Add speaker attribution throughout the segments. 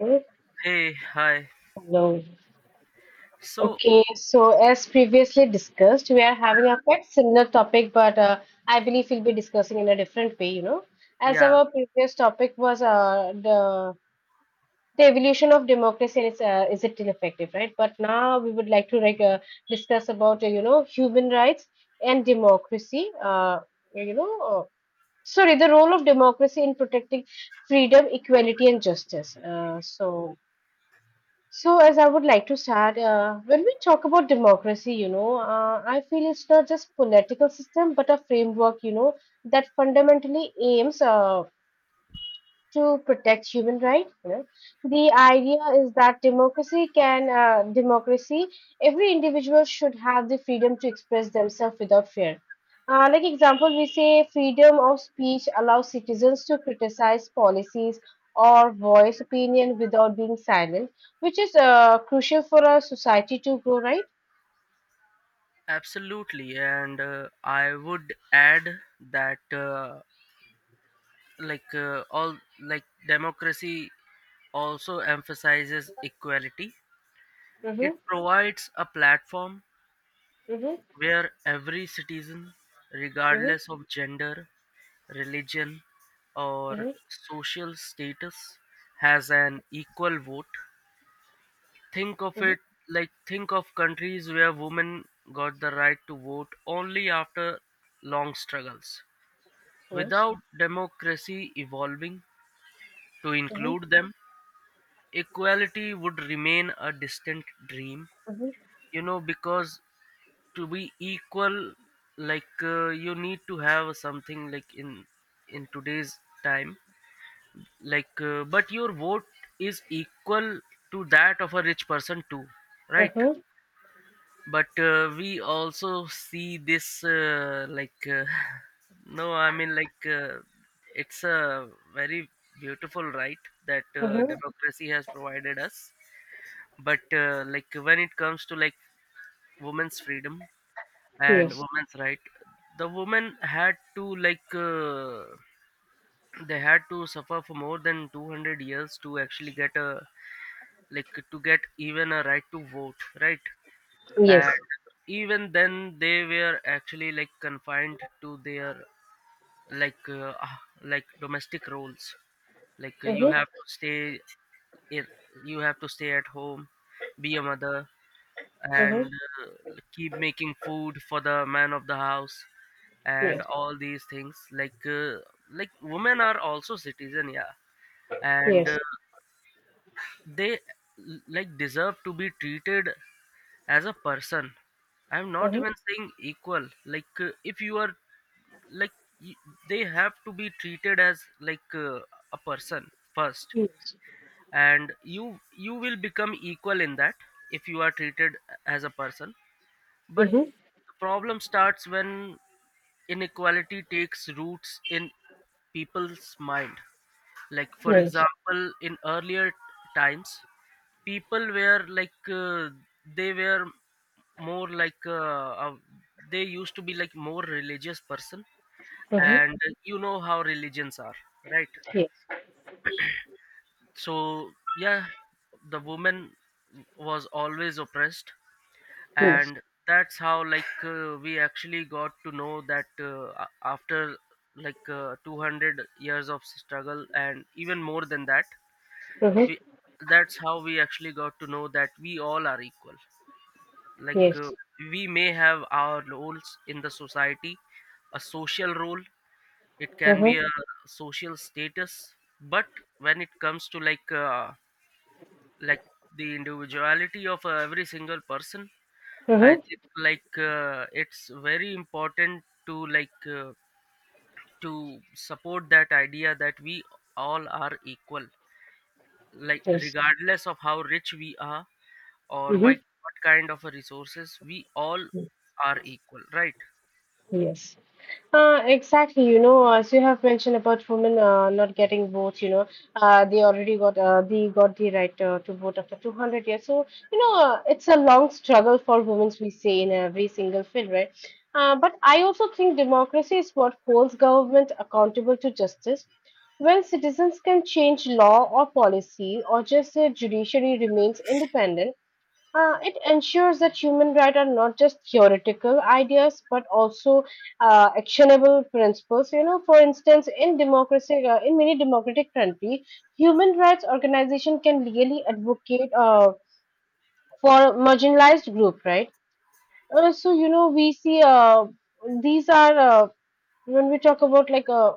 Speaker 1: Okay.
Speaker 2: Hey, hi.
Speaker 1: Hello.
Speaker 2: So,
Speaker 1: Okay, so as previously discussed, we are having a quite similar topic, but I believe we'll be discussing in a different way, you know. As
Speaker 2: yeah,
Speaker 1: our previous topic was the evolution of democracy and is it still effective, right? But now we would like to discuss about you know, human rights and democracy. You know, uh, the role of democracy in protecting freedom, equality, and justice. So, as I would like to start, when we talk about democracy, I feel it's not just political system, but a framework, you know, that fundamentally aims to protect human rights. You know, the idea is that democracy. Every individual should have the freedom to express themselves without fear. Like example, we say freedom of speech allows citizens to criticize policies or voice opinion without being silent, which is crucial for a society to grow. Right?
Speaker 2: absolutely. And I would add that, like, all like democracy also emphasizes equality. It
Speaker 1: Mm-hmm.
Speaker 2: provides a platform
Speaker 1: Mm-hmm.
Speaker 2: where every citizen,
Speaker 1: Mm-hmm.
Speaker 2: regardless of gender, religion, or
Speaker 1: Mm-hmm.
Speaker 2: social status, has an equal vote. Think of
Speaker 1: Mm-hmm.
Speaker 2: it think of countries where women got the right to vote only after long struggles.
Speaker 1: Yes.
Speaker 2: Without democracy evolving to
Speaker 1: Mm-hmm.
Speaker 2: include them, equality would remain a distant dream.
Speaker 1: Mm-hmm.
Speaker 2: You know, because to be equal, you need to have something like in today's time, but your vote is equal to that of a rich person too, right?
Speaker 1: Mm-hmm.
Speaker 2: But we also see this. No, I mean, it's a very beautiful right that
Speaker 1: Mm-hmm.
Speaker 2: democracy has provided us, but like when it comes to like women's freedom and
Speaker 1: Yes.
Speaker 2: women's right, the women had to they had to suffer for more than 200 years to actually get a like to get even a right to vote, right?
Speaker 1: Yes.
Speaker 2: And even then, they were actually like confined to their like domestic roles. Like, you
Speaker 1: Mm-hmm.
Speaker 2: have to in, you have to stay at home, be a mother,
Speaker 1: Mm-hmm.
Speaker 2: and keep making food for the man of the house and
Speaker 1: Yes.
Speaker 2: all these things. Like, like women are also citizen, yeah, and
Speaker 1: Yes.
Speaker 2: they like deserve to be treated as a person. I'm not
Speaker 1: Uh-huh.
Speaker 2: even saying equal. Like, if you are like y- they have to be treated as like a person first,
Speaker 1: Yes.
Speaker 2: and you will become equal in that if you are treated as a person. But
Speaker 1: Uh-huh.
Speaker 2: the problem starts when inequality takes roots in people's mind. Like for
Speaker 1: Yes.
Speaker 2: example, in earlier times, people were more like uh, they used to be like more religious person.
Speaker 1: Uh-huh.
Speaker 2: And you know how religions are, right?
Speaker 1: Yes.
Speaker 2: So yeah, the woman was always oppressed,
Speaker 1: Yes.
Speaker 2: and that's how we actually got to know that after 200 years of struggle and even more than that,
Speaker 1: Uh-huh.
Speaker 2: we that's how we actually got to know that we all are equal. like
Speaker 1: Yes.
Speaker 2: uh, we may have our roles in the society, a social role. It can
Speaker 1: Uh-huh.
Speaker 2: be a social status, but when it comes to like the individuality of every single person, I
Speaker 1: Uh-huh.
Speaker 2: think it's very important to to support that idea that we all are equal, like
Speaker 1: Yes.
Speaker 2: regardless of how rich we are or why
Speaker 1: Uh-huh.
Speaker 2: what kind of a resources, we all are equal, right?
Speaker 1: Yes. Exactly, you know, as you have mentioned about women not getting votes, you know, they got the right to vote after 200 years. So, it's a long struggle for women, we say, in every single field, right? But I also think democracy is what holds government accountable to justice. When citizens can change law or policy, or just the judiciary remains independent, it ensures that human rights are not just theoretical ideas but also actionable principles. You know, for instance, in many democratic countries, human rights organization can really advocate for marginalized group, right? So you know, we see these are when we talk about like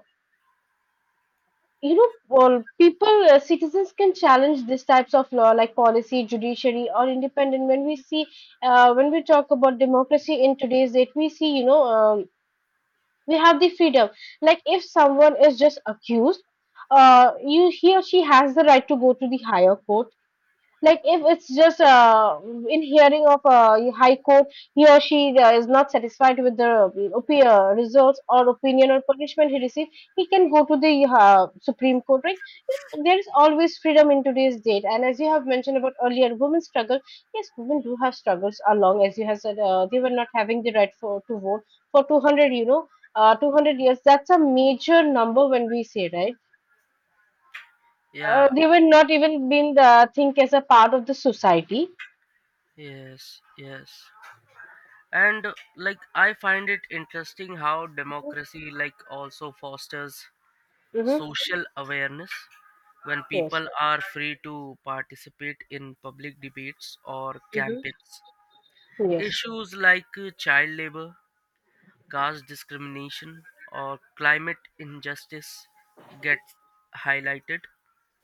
Speaker 1: You know, well, citizens can challenge these types of law like policy, judiciary, or independent. When we talk about democracy in today's date, we see, we have the freedom. Like if someone is just accused, you he or she has the right to go to the higher court, like if it's just in hearing of a high court, he or she is not satisfied with the results or opinion or punishment he received, he can go to the supreme court, right? You know, there is always freedom in today's date, and as you have mentioned about earlier women struggle, yes, women do have struggles along, as you have said, they were not having the right for to vote for 200 you know uh, 200 years. That's a major number when we say, right?
Speaker 2: Yeah.
Speaker 1: They were not even being think as a part of the society.
Speaker 2: Yes, yes. And like I find it interesting how democracy like also fosters
Speaker 1: Mm-hmm.
Speaker 2: social awareness. When
Speaker 1: Yes.
Speaker 2: people are free to participate in public debates or
Speaker 1: Mm-hmm.
Speaker 2: campaigns,
Speaker 1: Yes.
Speaker 2: issues child labor, caste discrimination, or climate injustice get highlighted.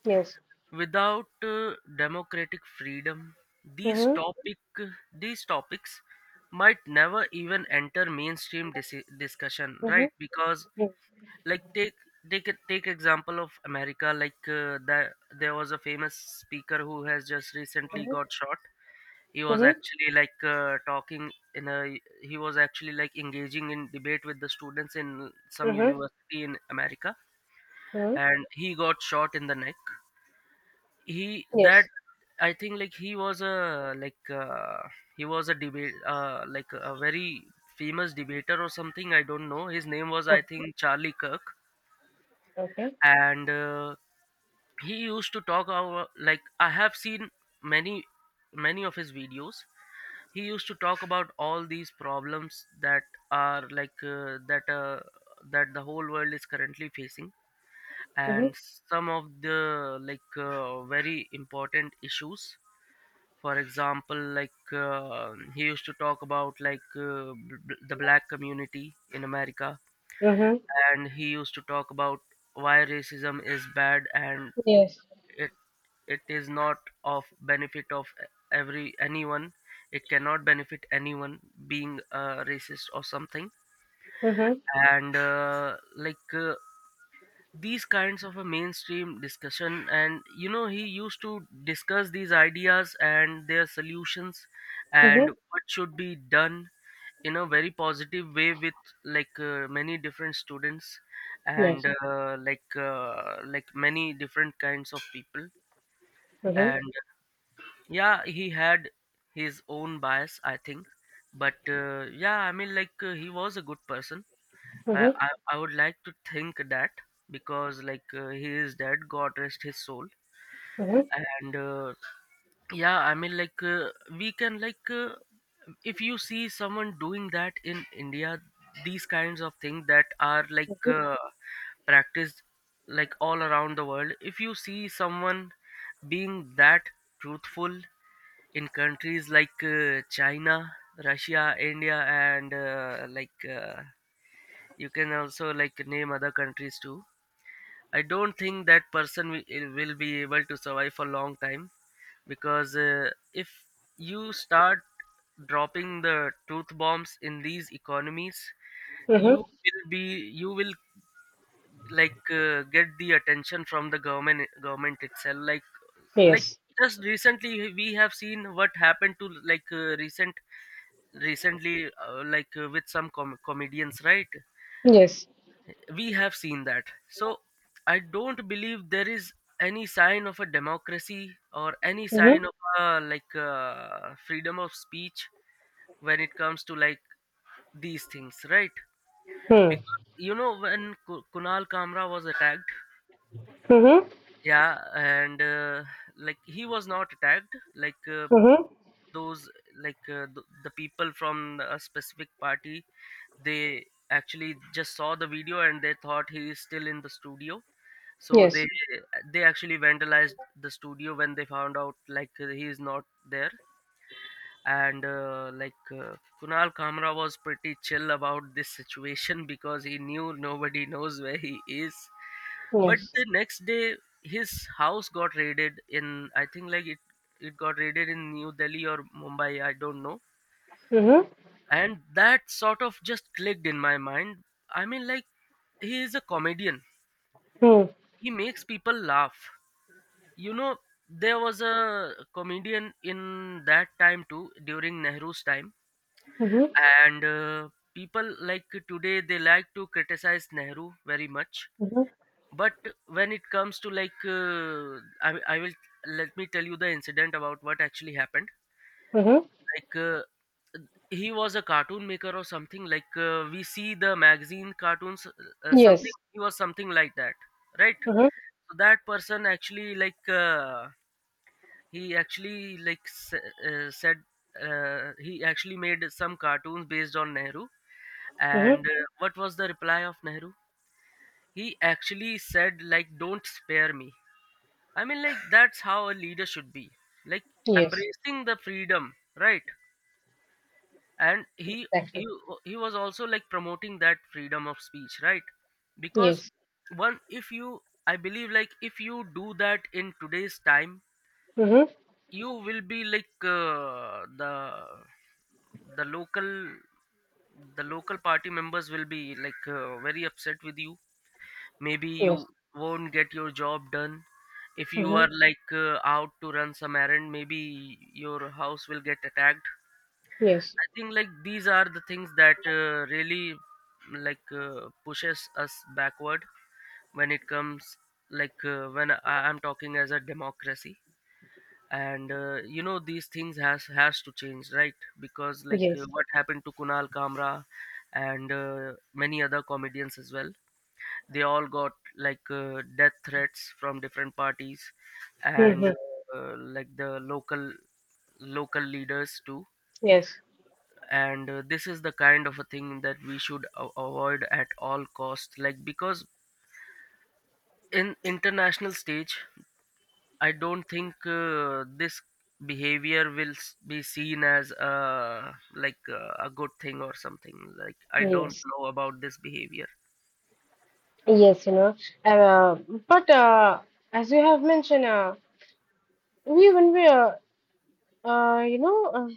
Speaker 1: Yes.
Speaker 2: Without democratic freedom, these
Speaker 1: Mm-hmm.
Speaker 2: topic these topics might never even enter mainstream discussion,
Speaker 1: Mm-hmm.
Speaker 2: right? Because
Speaker 1: Yes.
Speaker 2: like take take example of America. Like uh, that there was a famous speaker who has just recently
Speaker 1: Mm-hmm.
Speaker 2: got shot. he was
Speaker 1: Mm-hmm.
Speaker 2: actually like uh, talking in a he was actually like engaging in debate with the students in some
Speaker 1: Mm-hmm.
Speaker 2: university in America,
Speaker 1: Mm-hmm.
Speaker 2: and he got shot in the neck. He that
Speaker 1: Yes.
Speaker 2: I think he was a he was a debate like a very famous debater or something, I don't know. His name was, I
Speaker 1: Oh,
Speaker 2: think, Charlie Kirk.
Speaker 1: okay.
Speaker 2: And he used to talk about, like, I have seen many of his videos. He used to talk about all these problems that are that the whole world is currently facing,
Speaker 1: Mm-hmm.
Speaker 2: and some of the very important issues. For example, he used to talk about the Black community in America,
Speaker 1: Mm-hmm.
Speaker 2: and he used to talk about why racism is bad, and
Speaker 1: Yes.
Speaker 2: it it is not of benefit of every anyone. It cannot benefit anyone being a racist or something.
Speaker 1: Mm-hmm.
Speaker 2: And these kinds of a mainstream discussion, and you know, he used to discuss these ideas and their solutions
Speaker 1: Mm-hmm.
Speaker 2: and what should be done in a very positive way with many different students
Speaker 1: Yes.
Speaker 2: and many different kinds of people.
Speaker 1: Mm-hmm.
Speaker 2: And yeah, he had his own bias, I think. But yeah, I mean, he was a good person, I,
Speaker 1: Mm-hmm.
Speaker 2: I I would like to think that, because he is dead, God rest his soul.
Speaker 1: Mm-hmm.
Speaker 2: And yeah, I mean, we can if you see someone doing that in India, these kinds of things that are practiced like all around the world. If you see someone being that truthful in countries China, Russia, India, and you can also like name other countries too, I don't think that person will be able to survive for a long time, because if you start dropping the truth bombs in these economies, you
Speaker 1: Mm-hmm.
Speaker 2: will be you will get the attention from the government itself. Like,
Speaker 1: Yes.
Speaker 2: just recently we have seen what happened to recently, with some comedians, right?
Speaker 1: Yes.
Speaker 2: We have seen that. So I don't believe there is any sign of a democracy or any
Speaker 1: Mm-hmm.
Speaker 2: sign of freedom of speech when it comes to like these things, right?
Speaker 1: Mm.
Speaker 2: Because you know when Kunal Kamra was attacked,
Speaker 1: Mm-hmm.
Speaker 2: yeah, and like he was not attacked,
Speaker 1: Mm-hmm.
Speaker 2: those the people from a specific party, they actually just saw the video and they thought he is still in the studio, so
Speaker 1: Yes.
Speaker 2: they actually vandalized the studio when they found out he is not there. And Kunal Kamra was pretty chill about this situation because he knew nobody knows where he is. But
Speaker 1: Yes.
Speaker 2: the next day his house got raided in, I think, it got raided in New Delhi or Mumbai, I don't know.
Speaker 1: Mm-hmm.
Speaker 2: And that sort of just clicked in my mind. I mean, like, he is a comedian,
Speaker 1: Mm.
Speaker 2: he makes people laugh, you know. There was a comedian in that time too, during Nehru's time.
Speaker 1: Mm-hmm.
Speaker 2: And people like today, they like to criticize Nehru very much,
Speaker 1: Mm-hmm.
Speaker 2: but when it comes to like I will let me tell you the incident about what actually happened.
Speaker 1: Mm-hmm.
Speaker 2: Like, he was a cartoon maker or something. Like, we see the magazine cartoons, something,
Speaker 1: Yes.
Speaker 2: he was something like that, right?
Speaker 1: Mm-hmm.
Speaker 2: So that person actually like he actually like s- said he actually made some cartoons based on Nehru,
Speaker 1: Mm-hmm.
Speaker 2: and what was the reply of Nehru? He actually said, like, don't spare me. I mean, like, that's how a leader should be, like,
Speaker 1: Yes.
Speaker 2: embracing the freedom, right? And
Speaker 1: Exactly.
Speaker 2: he he was also like promoting that freedom of speech, right? Because
Speaker 1: Yes.
Speaker 2: one if you, I believe, like, if you do that in today's time,
Speaker 1: Mm-hmm.
Speaker 2: you will be like the local, the local party members will be very upset with you. Maybe you
Speaker 1: Yes.
Speaker 2: won't get your job done. If you
Speaker 1: Mm-hmm.
Speaker 2: are out to run some errand, maybe your house will get attacked.
Speaker 1: Yes.
Speaker 2: I think these are the things that really pushes us backward when it comes like, I'm talking as a democracy. And you know, these things has to change, right? Because
Speaker 1: Yes.
Speaker 2: what happened to Kunal Kamra and many other comedians as well, they all got death threats from different parties and
Speaker 1: Mm-hmm.
Speaker 2: like the local leaders too.
Speaker 1: Yes,
Speaker 2: And this is the kind of a thing that we should avoid at all costs, like, because in international stage, I don't think this behavior will be seen as a good thing or something. Like, I don't
Speaker 1: yes,
Speaker 2: know about this behavior.
Speaker 1: yes, you know. Uh, but As you have mentioned, we when we, you know,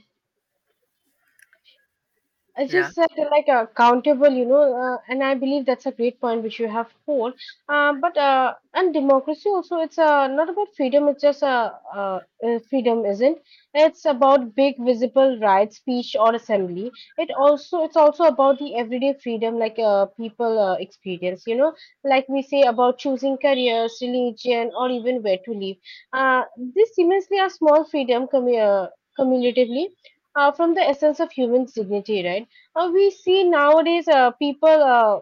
Speaker 1: as you
Speaker 2: Yeah,
Speaker 1: said, countable, you know, and I believe that's a great point which you have told. But And democracy also, it's not about freedom. It's just a freedom isn't. It's about big visible rights, speech or assembly. It's also about the everyday freedom like people experience. You know, like we say about choosing careers, religion, or even where to live. Uh, this seemingly are small freedom cumulatively from the essence of human dignity, right? We see nowadays people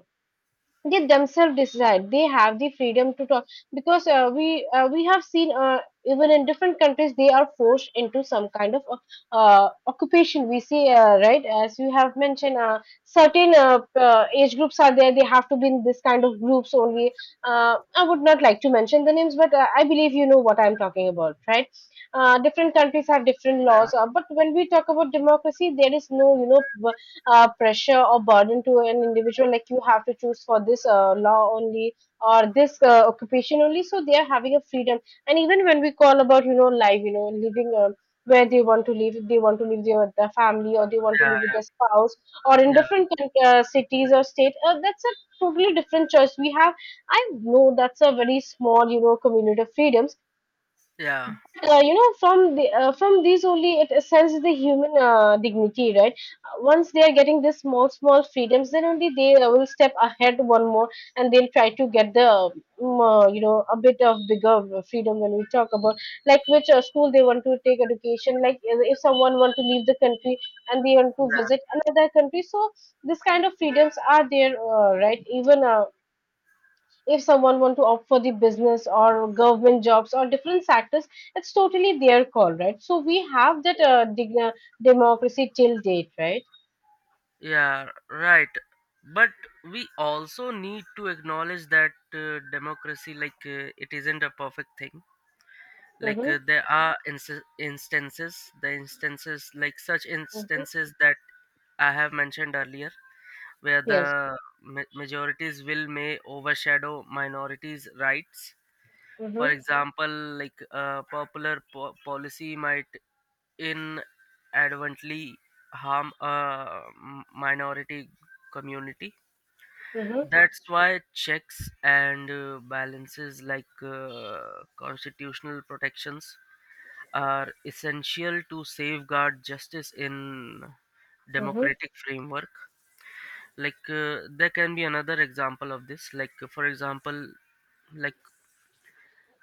Speaker 1: they themselves decide they have the freedom to talk, because we have seen even in different countries they are forced into some kind of occupation, we see, right? As you have mentioned, certain age groups are there, they have to be in this kind of groups only. I would not like to mention the names, but I believe you know what I'm talking about, right? Different countries have different
Speaker 2: yeah,
Speaker 1: laws, but when we talk about democracy, there is no, you know, pressure or burden to an individual, like you have to choose for this law only or this occupation only. So they are having a freedom. And even when we call about, you know, life, you know, living, where they want to live, if they want to live there with their family or they want to live with
Speaker 2: yeah,
Speaker 1: their spouse or in
Speaker 2: yeah,
Speaker 1: different cities or state, that's a totally different choice we have. I know that's a very small, you know, community of freedoms.
Speaker 2: yeah,
Speaker 1: From these only it senses the human dignity, right? Once they are getting this small small freedoms, then only they will step ahead one more, and they'll try to get the you know, a bit of bigger freedom, when we talk about like which school they want to take education, like if someone want to leave the country and they want to
Speaker 2: yeah,
Speaker 1: visit another country. So this kind of freedoms are there, right? Even if someone want to opt for the business or government jobs or different sectors, it's totally their call, right? So we have that democracy till date, right?
Speaker 2: yeah. Right. But we also need to acknowledge that democracy, it isn't a perfect thing.
Speaker 1: Mm-hmm.
Speaker 2: There are instances, the instances like such
Speaker 1: Mm-hmm.
Speaker 2: instances that I have mentioned earlier where
Speaker 1: Yes.
Speaker 2: the majorities will may overshadow minorities rights.
Speaker 1: Mm-hmm.
Speaker 2: For example, a popular policy might inadvertently harm a minority community.
Speaker 1: Mm-hmm.
Speaker 2: That's why checks and balances, constitutional protections, are essential to safeguard justice in
Speaker 1: Mm-hmm.
Speaker 2: democratic framework. There can be another example of this. Like uh, for example like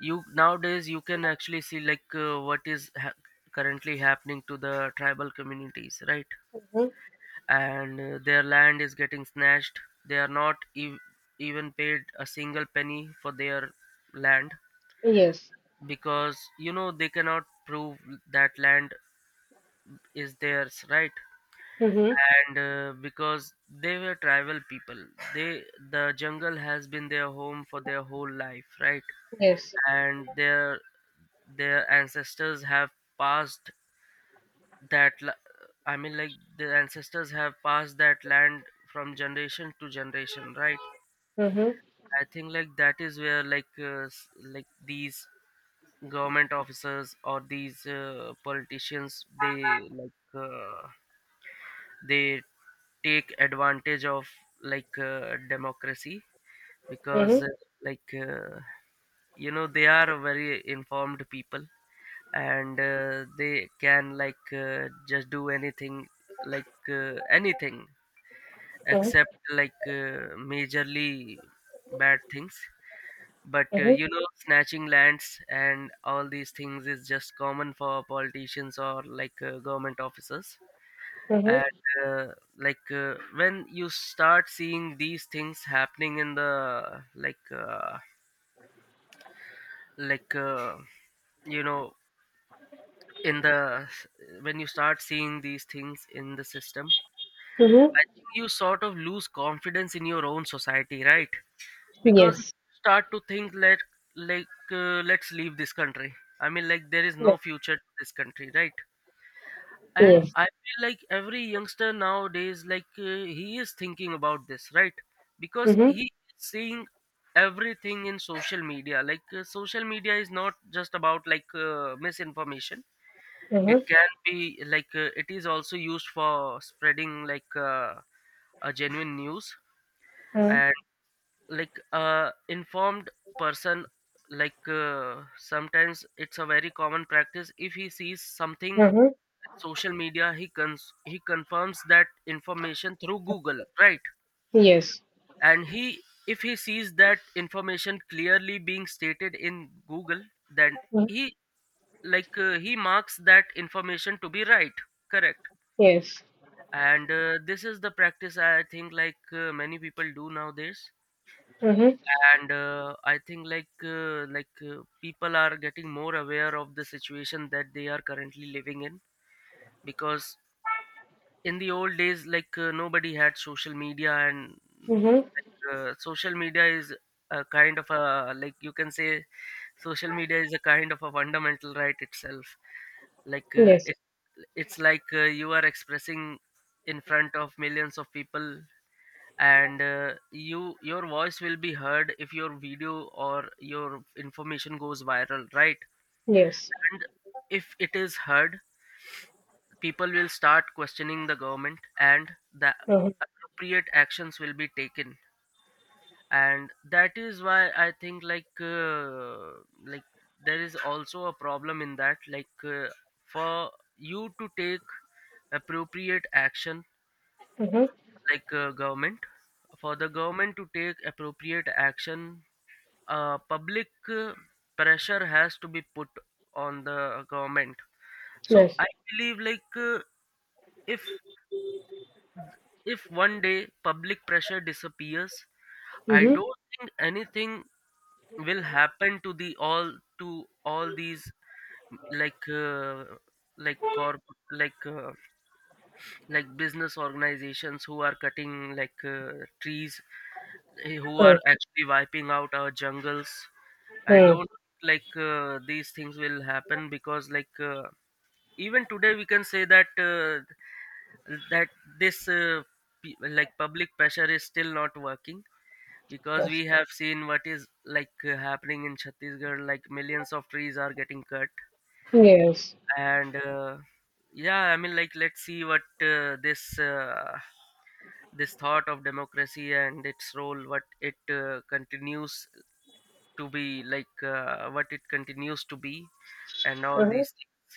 Speaker 2: you nowadays you can actually see what is currently happening to the tribal communities, right?
Speaker 1: Mm-hmm.
Speaker 2: And their land is getting snatched. They are not even paid a single penny for their land,
Speaker 1: Yes.
Speaker 2: because you know they cannot prove that land is theirs, right?
Speaker 1: Mm-hmm.
Speaker 2: And because they were tribal people, they, the jungle has been their home for their whole life, right?
Speaker 1: Yes.
Speaker 2: And their ancestors have passed that I mean their ancestors have passed that land from generation to generation, right?
Speaker 1: Mm-hmm.
Speaker 2: I think that is where these government officers or these politicians, they, like uh, they take advantage of democracy, because
Speaker 1: Mm-hmm.
Speaker 2: like uh, you know they are very informed people. And they can just do anything, anything
Speaker 1: Mm-hmm.
Speaker 2: except majorly bad things. But
Speaker 1: Mm-hmm.
Speaker 2: you know, snatching lands and all these things is just common for politicians or government officers. And
Speaker 1: Mm-hmm.
Speaker 2: uh, when you start seeing these things happening in the like uh, you know in the when you start seeing these things in the system,
Speaker 1: Mm-hmm.
Speaker 2: I think you sort of lose confidence in your own society, right? Because
Speaker 1: Yes,
Speaker 2: you start to think, let's leave this country. I mean, there is no
Speaker 1: yes,
Speaker 2: future to this country, right? And
Speaker 1: yes.
Speaker 2: I feel like every youngster nowadays, he is thinking about this, right? Because he
Speaker 1: Mm-hmm.
Speaker 2: is seeing everything in social media. Social media is not just about misinformation. It can be it is also used for spreading a genuine news.
Speaker 1: Mm-hmm.
Speaker 2: And informed person, sometimes it's a very common practice: if he sees something
Speaker 1: Mm-hmm.
Speaker 2: social media, he confirms that information through Google, right?
Speaker 1: Yes.
Speaker 2: And he, if he sees that information clearly being stated in Google, then
Speaker 1: Mhm.
Speaker 2: he, he marks that information to be right, correct.
Speaker 1: Yes.
Speaker 2: And this is the practice, I think, many people do nowadays.
Speaker 1: Mm-hmm.
Speaker 2: And I think people are getting more aware of the situation that they are currently living in, because in the old days, nobody had social media. And
Speaker 1: Mm-hmm.
Speaker 2: social media is a kind of a, like you can say, social media is a kind of a fundamental right itself.
Speaker 1: Yes,
Speaker 2: It, it's you are expressing in front of millions of people. And you, your voice will be heard if your video or your information goes viral, right?
Speaker 1: yes.
Speaker 2: And if it is heard, people will start questioning the government, and the
Speaker 1: Mm-hmm.
Speaker 2: appropriate actions will be taken. And that is why I think like there is also a problem in that, for you to take appropriate action,
Speaker 1: Mm-hmm.
Speaker 2: like government for the government to take appropriate action, public pressure has to be put on the government. So
Speaker 1: Yes.
Speaker 2: I believe if if one day public pressure disappears, I
Speaker 1: Mm-hmm.
Speaker 2: don't think anything will happen to the all to all these like uh, like corp like uh, like business organizations who are cutting trees, who
Speaker 1: Hmm.
Speaker 2: are actually wiping out our jungles. I
Speaker 1: Hmm.
Speaker 2: don't like these things will happen, because even today we can say that that this pe- like public pressure is still not working, because
Speaker 1: Yes.
Speaker 2: we have seen what is happening in Chhattisgarh. Like millions of trees are getting cut.
Speaker 1: Yes.
Speaker 2: And yeah, I mean, let's see what this thought of democracy and its role, what it continues to be, what it continues to be, and all
Speaker 1: Huh.
Speaker 2: these things.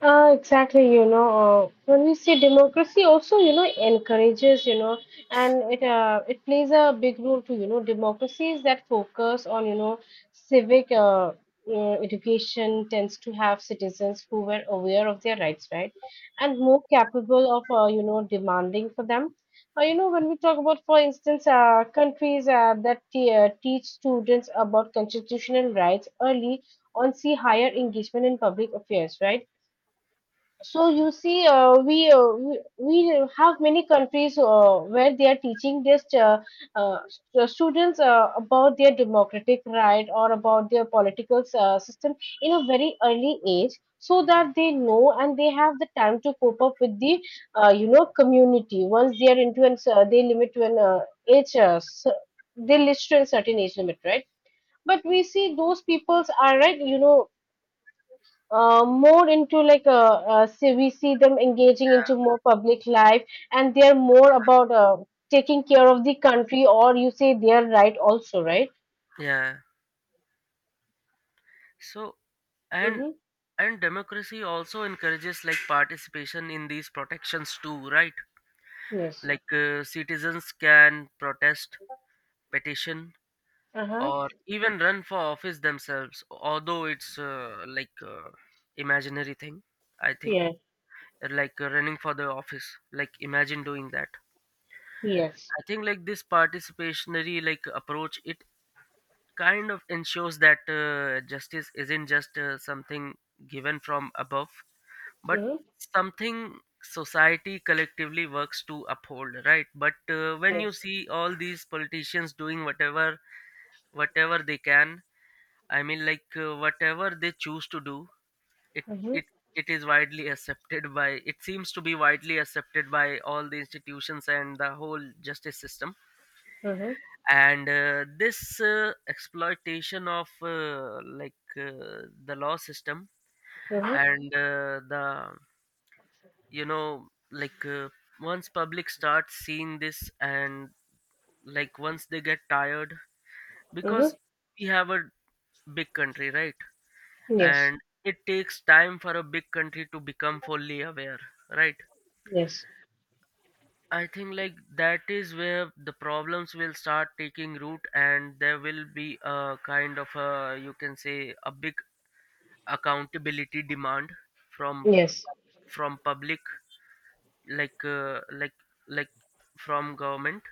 Speaker 1: Exactly, you know, when we see democracy also, you know, encourages, you know, and it plays a big role too, you know. Democracies that focus on, you know, civic education tends to have citizens who were aware of their rights, right? And more capable of, you know, demanding for them. You know, when we talk about, for instance, countries that teach students about constitutional rights early on, see higher engagement in public affairs, right? So you see, we have many countries where they are teaching this students about their democratic right or about their political system in a very early age, so that they know and they have the time to cope up with the you know, community. Once they are into an they limit to an age, they list to a certain age limit, right? But we see those peoples are right, you know, more into like see, we see them engaging into more public life, and they're more about taking care of the country, or you say their right also, right?
Speaker 2: Yeah, yeah. So and
Speaker 1: Mm-hmm.
Speaker 2: and democracy also encourages participation in these protections too, right?
Speaker 1: Yes.
Speaker 2: Citizens can protest, petition,
Speaker 1: Uh-huh.
Speaker 2: or even run for office themselves, although it's imaginary thing, I think.
Speaker 1: Yeah.
Speaker 2: Running for the office, like imagine doing that.
Speaker 1: Yes.
Speaker 2: I think this participationary approach, it kind of ensures that justice isn't just something given from above, but
Speaker 1: Mm-hmm.
Speaker 2: something society collectively works to uphold, right? But when you
Speaker 1: Yes.
Speaker 2: see all these politicians doing whatever, whatever they can, I mean whatever they choose to do, it
Speaker 1: Mm-hmm.
Speaker 2: it it is widely accepted by, it seems to be widely accepted by all the institutions and the whole justice system.
Speaker 1: Mm-hmm.
Speaker 2: And this exploitation of the law system,
Speaker 1: Mm-hmm.
Speaker 2: and the you know like once public starts seeing this, and like once they get tired,
Speaker 1: Mm-hmm.
Speaker 2: because we have a big country, right?
Speaker 1: Yes,
Speaker 2: And it takes time for a big country to become fully aware, right?
Speaker 1: yes,
Speaker 2: I think that is where the problems will start taking root, and there will be a kind of a, you can say, a big accountability demand from
Speaker 1: yes.
Speaker 2: from public, like uh, like like from government.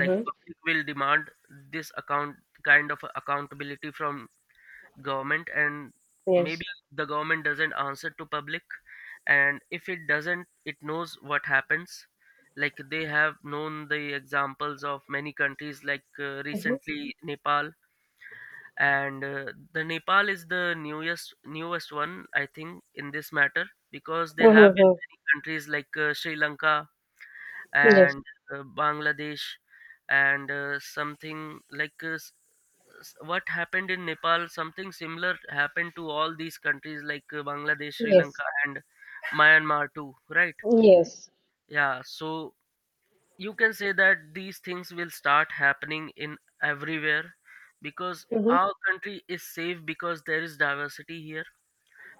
Speaker 2: Like public will demand this account kind of accountability from government. And
Speaker 1: Yes.
Speaker 2: maybe the government doesn't answer to public, and if it doesn't, it knows what happens. Like they have known the examples of many countries,
Speaker 1: Mm-hmm.
Speaker 2: recently Nepal. And the Nepal is the newest one, I think, in this matter, because they have been
Speaker 1: Mm-hmm.
Speaker 2: many countries Sri Lanka
Speaker 1: Yes,
Speaker 2: and Bangladesh. And something like s- s- what happened in Nepal, something similar happened to all these countries, Bangladesh, Sri
Speaker 1: yes,
Speaker 2: Lanka, and Myanmar too, right?
Speaker 1: yes.
Speaker 2: Yeah, so you can say that these things will start happening in everywhere, because
Speaker 1: Mm-hmm.
Speaker 2: our country is safe because there is diversity here.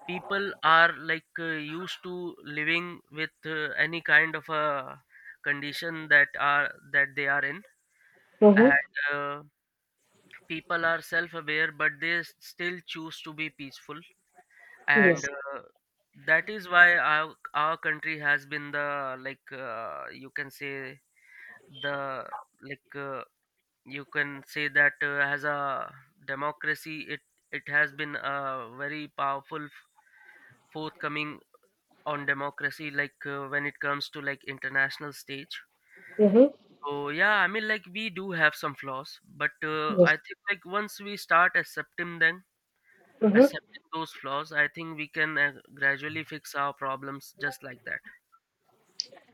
Speaker 2: People are used to living with any kind of a condition that are that they are in. And
Speaker 1: Mm-hmm.
Speaker 2: people are self-aware, but they still choose to be peaceful. And
Speaker 1: Yes.
Speaker 2: that is why our country has been the, you can say, the, like uh, you can say that, as a democracy, it has been a very powerful forthcoming on democracy, when it comes to international stage.
Speaker 1: Mm-hmm.
Speaker 2: So yeah, I mean, we do have some flaws, but
Speaker 1: Yes.
Speaker 2: I think once we start accepting them, accepting those flaws, I think we can gradually fix our problems, just like that.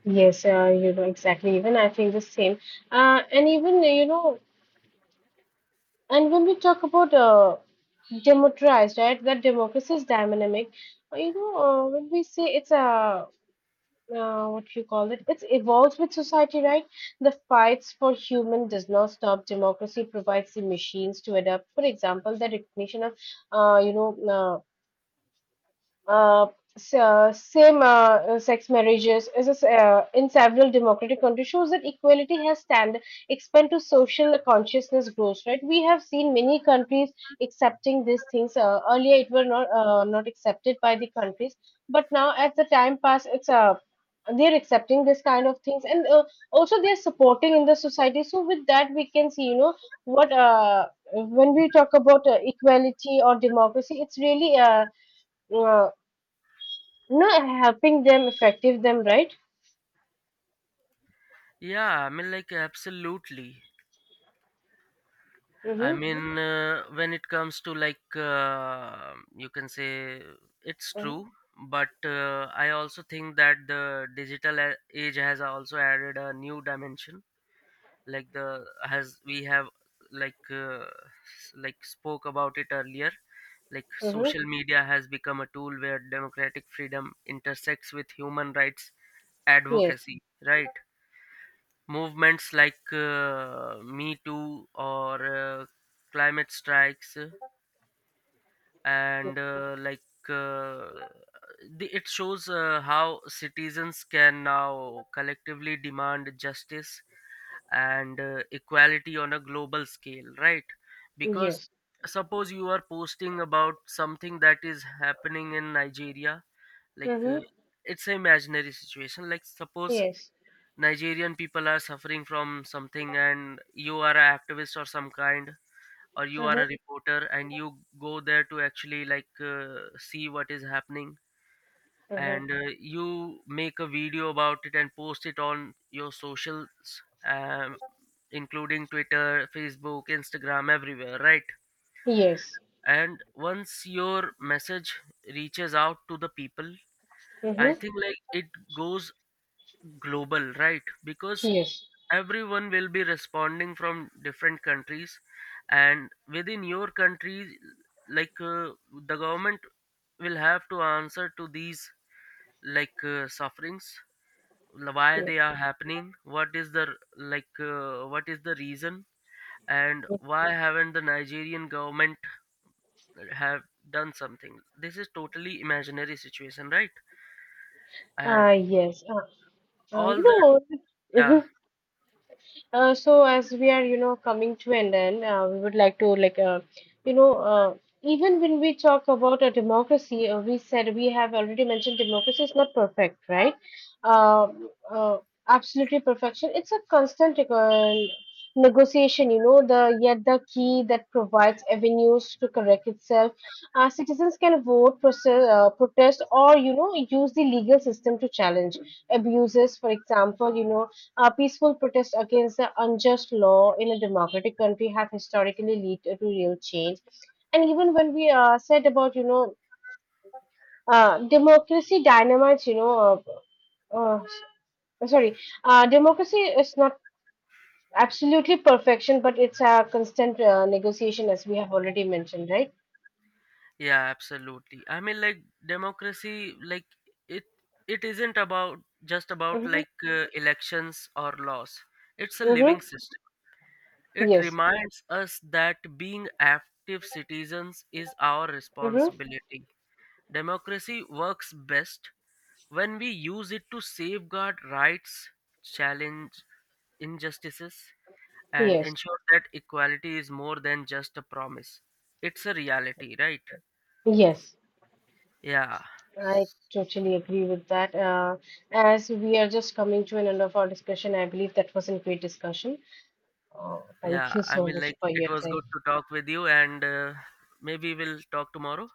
Speaker 1: Yes, you know, exactly. Even I feel the same. And even you know, and when we talk about democratized, right? That democracy is dynamic. When we say it's a what you call it, it's evolves with society, right? The fights for human does not stop. Democracy provides the machines to adapt. For example, the recognition of, uh, you know, uh, Uh, same sex marriages in several democratic countries shows that equality has stand expand to social consciousness grows, right? We have seen many countries accepting these things. Earlier it were not not accepted by the countries, but now as the time pass, it's they're accepting this kind of things. And also they're supporting in the society. So with that, we can see, you know, what when we talk about equality or democracy, it's really uh, no, helping them, effective them, right?
Speaker 2: Yeah, I mean, like, absolutely. I
Speaker 1: Mm-hmm.
Speaker 2: mean, when it comes to like, you can say it's
Speaker 1: Mm-hmm.
Speaker 2: true, but I also think that the digital age has also added a new dimension. Like the has we have spoke about it earlier. Like
Speaker 1: Mm-hmm.
Speaker 2: social media has become a tool where democratic freedom intersects with human rights
Speaker 1: Yes.
Speaker 2: advocacy, right? Movements me too, or climate strikes, and uh, like uh, it shows how citizens can now collectively demand justice and equality on a global scale, right? Because
Speaker 1: Yes.
Speaker 2: suppose you are posting about something that is happening in Nigeria, like uh,
Speaker 1: Mm-hmm.
Speaker 2: it's an imaginary situation. Like, suppose
Speaker 1: Yes.
Speaker 2: Nigerian people are suffering from something, and you are an activist or some kind, or you are
Speaker 1: Mm-hmm.
Speaker 2: a reporter, and you go there to actually see what is happening,
Speaker 1: Mm-hmm.
Speaker 2: and you make a video about it and post it on your socials, um, including Twitter, Facebook, Instagram, everywhere, right?
Speaker 1: Yes.
Speaker 2: And once your message reaches out to the people, I
Speaker 1: Mm-hmm.
Speaker 2: think it goes global, right? Because
Speaker 1: Yes.
Speaker 2: everyone will be responding from different countries, and within your country, like uh, the government will have to answer to these sufferings, why
Speaker 1: Yes.
Speaker 2: they are happening, what is the what is the reason, and why haven't the Nigerian government have done something. This is totally imaginary situation, right? And
Speaker 1: Yes. Uh, you
Speaker 2: all the,
Speaker 1: know,
Speaker 2: yeah.
Speaker 1: So as we are, you know, coming to an end, we would like to you know, uh, even when we talk about a democracy, we said we have already mentioned democracy is not perfect, right? Uh, uh, Absolutely perfection. It's a constant negotiation, you know, the yet the key that provides avenues to correct itself. Citizens can vote, process, protest, or you know, use the legal system to challenge abuses. For example, you know, peaceful protests against the unjust law in a democratic country have historically led to real change. And even when we said about, you know, democracy dynamites, you know, uh, uh, sorry, democracy is not absolutely perfection, but it's a constant negotiation, as we have already mentioned, right?
Speaker 2: Yeah, absolutely. I mean, like democracy, like it it isn't about just about
Speaker 1: Mm-hmm.
Speaker 2: elections or laws. It's a living
Speaker 1: Mm-hmm.
Speaker 2: system. It
Speaker 1: Yes.
Speaker 2: reminds us that being active citizens is our
Speaker 1: Mm-hmm.
Speaker 2: responsibility. Democracy works best when we use it to safeguard rights, challenge injustices, and
Speaker 1: Yes.
Speaker 2: ensure that equality is more than just a promise. It's a reality, right?
Speaker 1: Yes.
Speaker 2: Yeah.
Speaker 1: I totally agree with that. As we are just coming to an end of our discussion, I believe that was a great discussion. Thank
Speaker 2: Yeah,
Speaker 1: you
Speaker 2: I
Speaker 1: so
Speaker 2: mean,
Speaker 1: much
Speaker 2: like,
Speaker 1: for
Speaker 2: it
Speaker 1: your
Speaker 2: was
Speaker 1: time.
Speaker 2: good to talk with you, and maybe we'll talk tomorrow.